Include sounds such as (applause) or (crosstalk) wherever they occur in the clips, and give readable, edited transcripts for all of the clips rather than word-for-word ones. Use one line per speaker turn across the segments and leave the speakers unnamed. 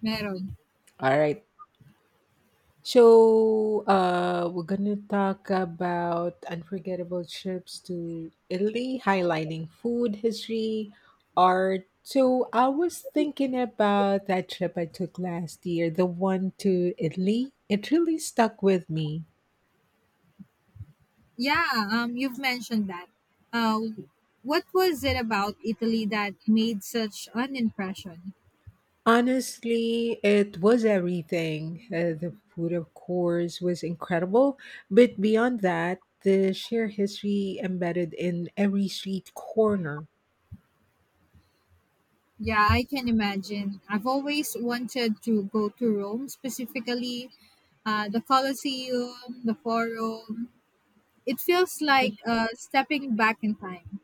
Meron.
All right. So we're gonna talk about unforgettable trips to Italy, highlighting food, history, art. So I was thinking about that trip I took last year, the one to Italy. It really stuck with me.
Yeah, you've mentioned that. Uh, what was it about Italy that made such an impression?
Honestly, it was everything. The food, of course, was incredible, but beyond that, the sheer history embedded in every street corner.
Yeah, I can imagine. I've always wanted to go to Rome, specifically the Colosseum, the Forum. It feels like stepping back in time.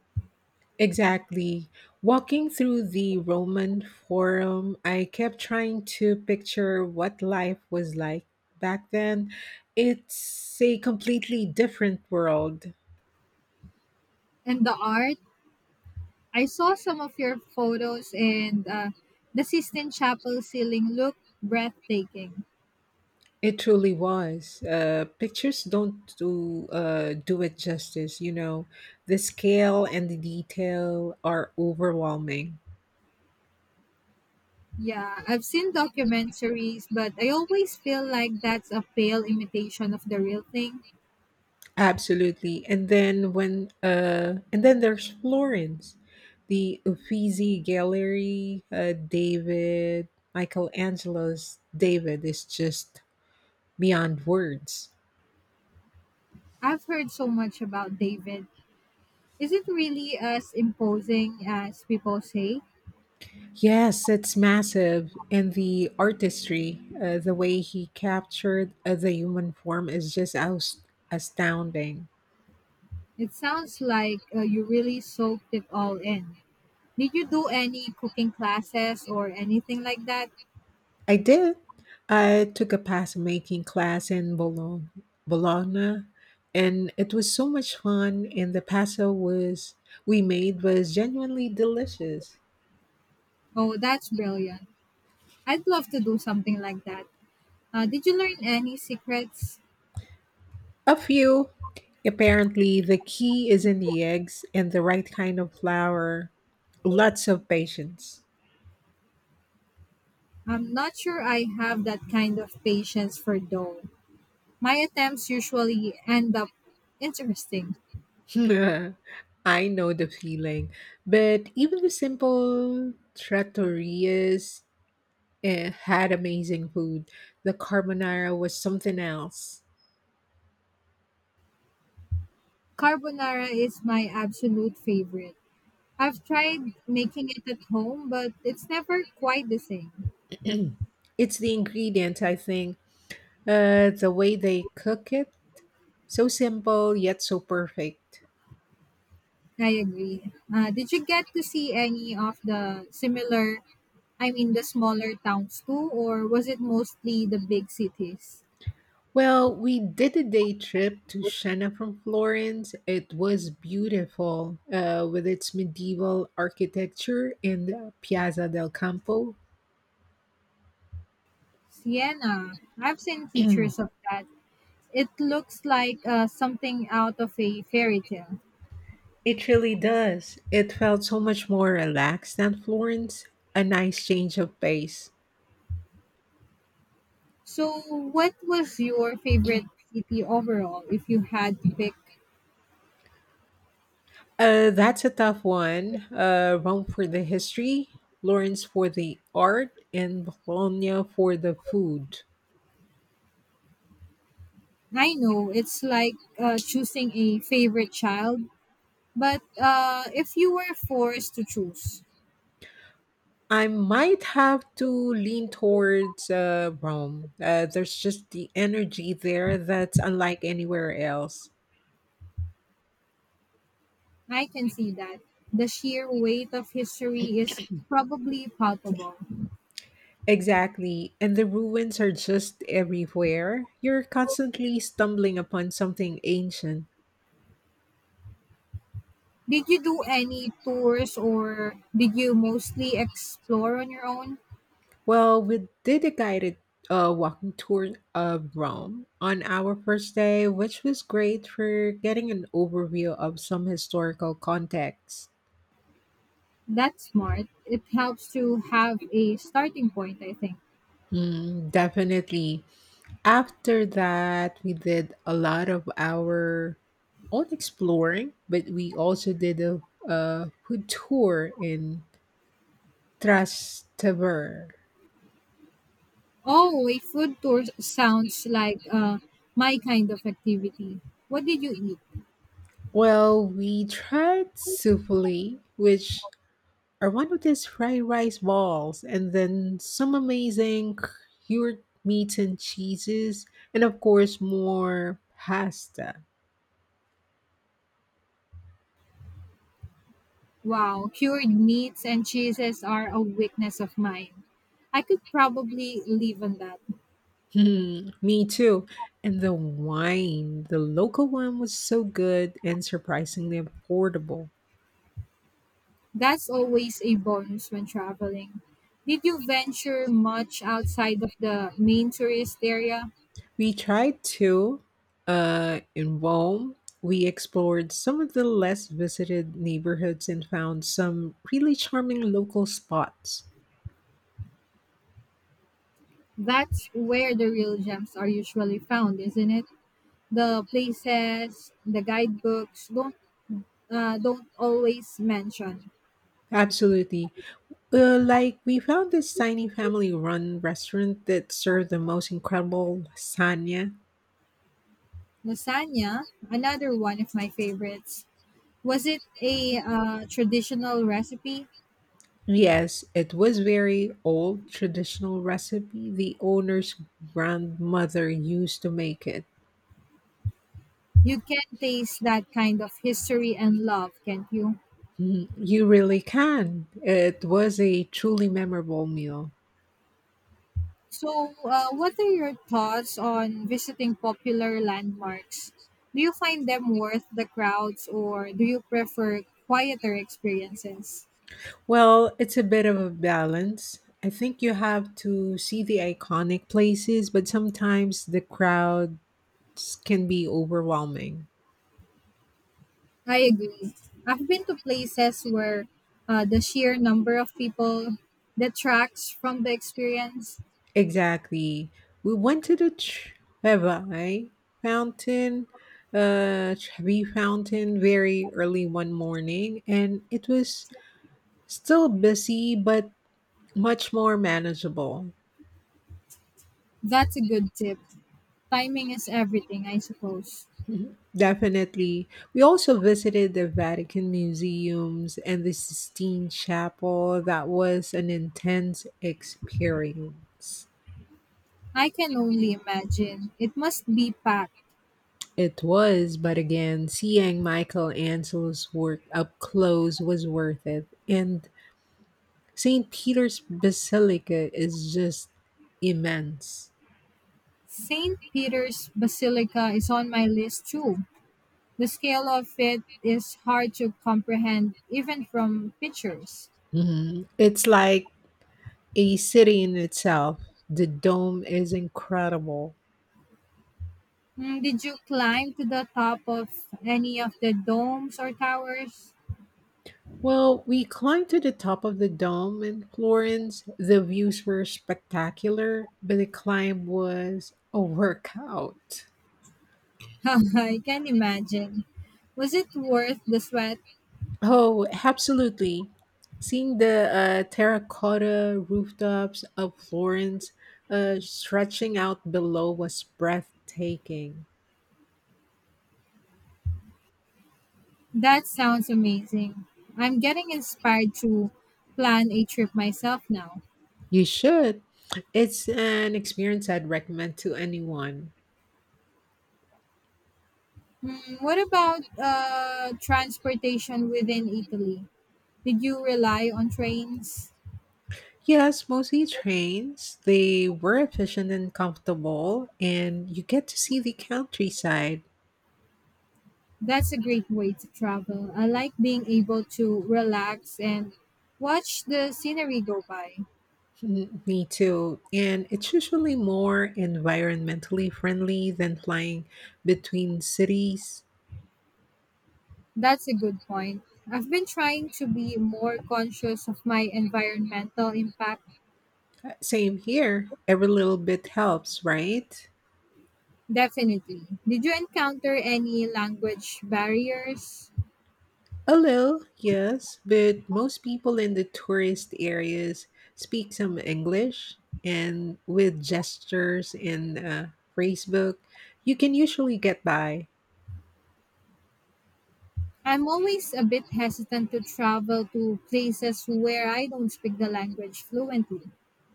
Exactly. Walking through the Roman Forum, I kept trying to picture what life was like back then. It's a completely different world.
And the art, I saw some of your photos, and the Sistine Chapel ceiling looked breathtaking.
It truly was. Pictures don't do it justice. You know, the scale and the detail are overwhelming.
Yeah, I've seen documentaries, but I always feel like that's a pale imitation of the real thing.
Absolutely. And then there's Florence, the Uffizi Gallery, David Michelangelo's David is just beyond words.
I've heard so much about David. Is it really as imposing as people say?
Yes, it's massive, and the artistry, the way he captured the human form is just astounding.
It sounds like you really soaked it all in. Did you do any cooking classes or anything like that?
I did. I took a pasta making class in Bologna, and it was so much fun. And the pasta was we made was genuinely delicious.
Oh, that's brilliant. I'd love to do something like that. Did you learn any secrets?
A few. Apparently, the key is in the eggs and the right kind of flour. Lots of patience.
I'm not sure I have that kind of patience for dough. My attempts usually end up interesting.
(laughs) I know the feeling. But even the simple trattorias had amazing food. The carbonara was something else.
Carbonara is my absolute favorite. I've tried making it at home, but it's never quite the same.
It's the ingredient, I think. The way they cook it, so simple yet so perfect.
I agree. Did you get to see any of the similar, I mean, the smaller towns too, or was it mostly the big cities?
Well, we did a day trip to Siena from Florence. It was beautiful, with its medieval architecture and Piazza del Campo.
Siena. I've seen
(clears throat)
pictures of that. It looks like something out of a fairy tale.
It really does. It felt so much more relaxed than Florence. A nice change of pace.
So, what was your favorite city overall if you had to pick?
That's a tough one. Rome for the history, Florence for the art, and Bologna for the food.
I know it's like choosing a favorite child, but if you were forced to choose,
I might have to lean towards Rome. There's just the energy there that's unlike anywhere else.
I can see that. The sheer weight of history is probably palpable.
Exactly. And the ruins are just everywhere. You're constantly stumbling upon something ancient.
Did you do any tours or did you mostly explore on your own?
Well, we did a guided walking tour of Rome on our first day, which was great for getting an overview of some historical context.
That's smart. It helps to have a starting point, I think.
Mm, definitely. After that, we did a lot of our own exploring, but we also did a food tour in Trastevere.
Oh, a food tour sounds like my kind of activity. What did you eat?
Well, we tried souffle, which I wanted these fried rice balls, and then some amazing cured meats and cheeses and of course more pasta. (laughs)
Wow, cured meats and cheeses are a weakness of mine. I could probably live on that.
Hmm, me too. And the wine, the local one was so good and surprisingly affordable.
That's always a bonus when traveling. Did you venture much outside of the main tourist area?
We tried to In Rome, we explored some of the less visited neighborhoods and found some really charming local spots.
That's where the real gems are usually found, isn't it? The places, the guidebooks don't always mention.
Absolutely. Like we found this tiny family-run restaurant that served the most incredible lasagna.
Lasagna, another one of my favorites. Was it a traditional recipe?
Yes, it was very old traditional recipe the owner's grandmother used to make it.
You can taste that kind of history and love, can't you?
Mm, you really can. It was a truly memorable meal.
So, what are your thoughts on visiting popular landmarks? Do you find them worth the crowds or do you prefer quieter experiences?
Well, it's a bit of a balance. I think you have to see the iconic places, but sometimes the crowds can be overwhelming.
I agree. I've been to places where the sheer number of people detracts from the experience.
Exactly. We went to the Fountain, Trevi Fountain very early one morning, and it was still busy but much more manageable.
That's a good tip. Timing is everything, I suppose.
Mhm. Definitely. We also visited the Vatican Museums and the Sistine Chapel. That was an intense experience.
I can only imagine. It must be packed.
It was, but again, seeing Michelangelo's work up close was worth it. And St. Peter's Basilica is just immense.
St. Peter's Basilica is on my list too. The scale of it is hard to comprehend even from pictures.
Mhm. It's like a city in itself. The dome is incredible.
Mm, did you climb to the top of any of the domes or towers?
Well, we climbed to the top of the dome in Florence. The views were spectacular, but the climb was a workout.
(laughs) I can imagine. Was it worth the sweat?
Oh, absolutely. Seeing the terracotta rooftops of Florence stretching out below was breathtaking.
That sounds amazing. I'm getting inspired to plan a trip myself now.
You should. It's an experience I'd recommend to anyone.
Hmm, what about transportation within Italy? Did you rely on trains?
Yes, mostly trains. They were efficient and comfortable, and you get to see the countryside.
That's a great way to travel. I like being able to relax and watch the scenery go by.
Mm, me too. And it's usually more environmentally friendly than flying between cities.
That's a good point. I've been trying to be more conscious of my environmental impact.
Same here. Every little bit helps, right?
Definitely. Did you encounter any language barriers?
A little, yes, but most people in the tourist areas speak some English, and with gestures and Facebook, you can usually get by.
I'm always a bit hesitant to travel to places where I don't speak the language fluently.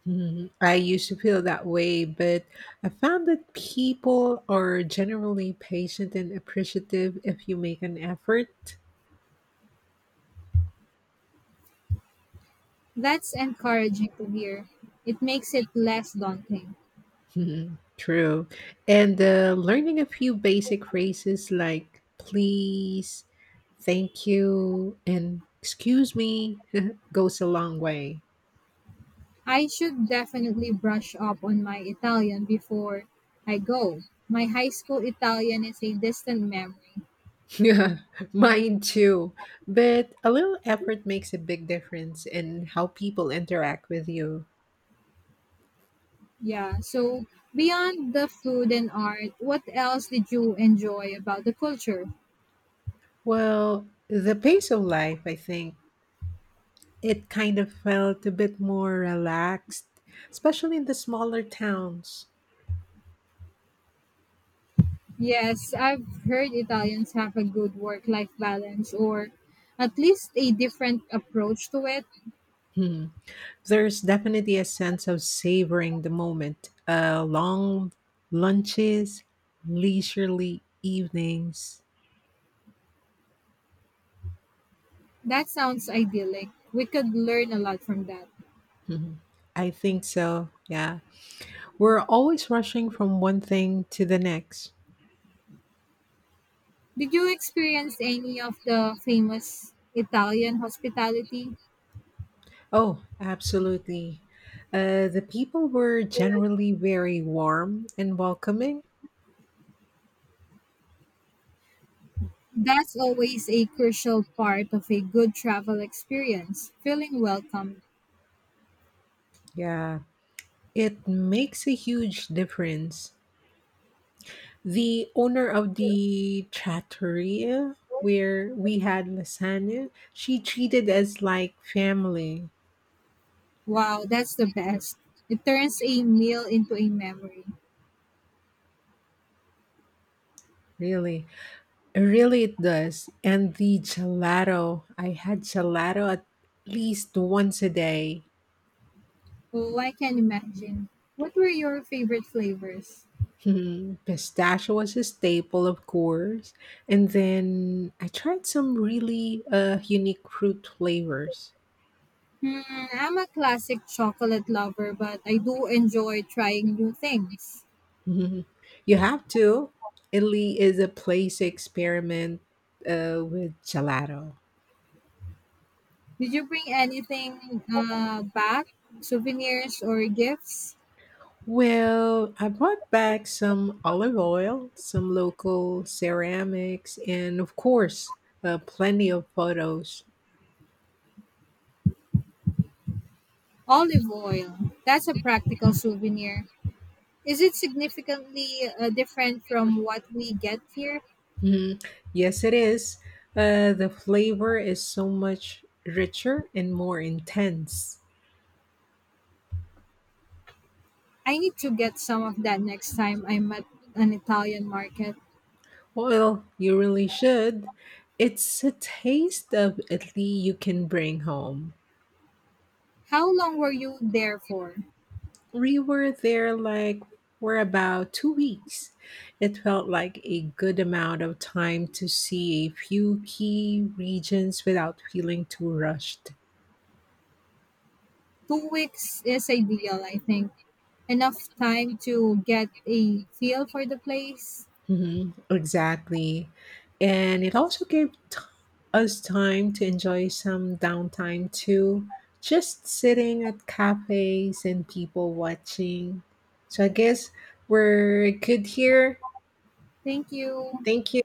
Mhm. I used to feel that way, but I found that people are generally patient and appreciative if you make an effort.
That's encouraging to hear. It makes it less daunting.
Mhm, true. And learning a few basic phrases like please, thank you, and excuse me (laughs) goes a long way.
I should definitely brush up on my Italian before I go. My high school Italian is a distant memory.
(laughs) Yeah, mine too. But a little effort makes a big difference in how people interact with you.
Yeah, so beyond the food and art, what else did you enjoy about the culture?
Well, the pace of life, I think, it kind of felt a bit more relaxed, especially in the smaller towns.
Yes, I've heard Italians have a good work life balance or at least a different approach to it.
Hmm. There's definitely a sense of savoring the moment. Long lunches, leisurely evenings.
That sounds idyllic. We could learn a lot from that.
Mhm. I think so. Yeah. We're always rushing from one thing to the next.
Did you experience any of the famous Italian hospitality?
Oh, absolutely. The people were generally very warm and welcoming.
That's always a crucial part of a good travel experience. Feeling welcome.
Yeah. It makes a huge difference. The owner of the trattoria where we had lasagna, she treated us like family.
Wow, that's the best. It turns a meal into a memory.
Really, really, it really does. And the gelato, I had gelato at least once a day. (laughs)
Oh, I can imagine. What were your favorite flavors?
Hmm, pistachio was a staple, of course. And then I tried some really unique fruit flavors.
Hmm, I'm a classic chocolate lover, but I do enjoy trying new things.
(laughs) Mhm. You have to. Italy is a place to experiment with gelato.
Did you bring anything back? Souvenirs or gifts?
Well, I brought back some olive oil, some local ceramics, and of course, plenty of photos.
Olive oil. That's a practical souvenir. Is it significantly different from what we get here?
Mhm. Yes, it is. The flavor is so much richer and more intense.
I need to get some of that next time I'm at an Italian market.
Well, you really should. It's a taste of Italy you can bring home.
How long were you there for?
We were there for about two weeks. It felt like a good amount of time to see a few key regions without feeling too rushed.
2 weeks is ideal, I think. Enough time to get a feel for the place.
Mhm, exactly. And it also gave us time to enjoy some downtime too, just sitting at cafes and people watching. So I guess we're good here.
Thank you.
Thank you.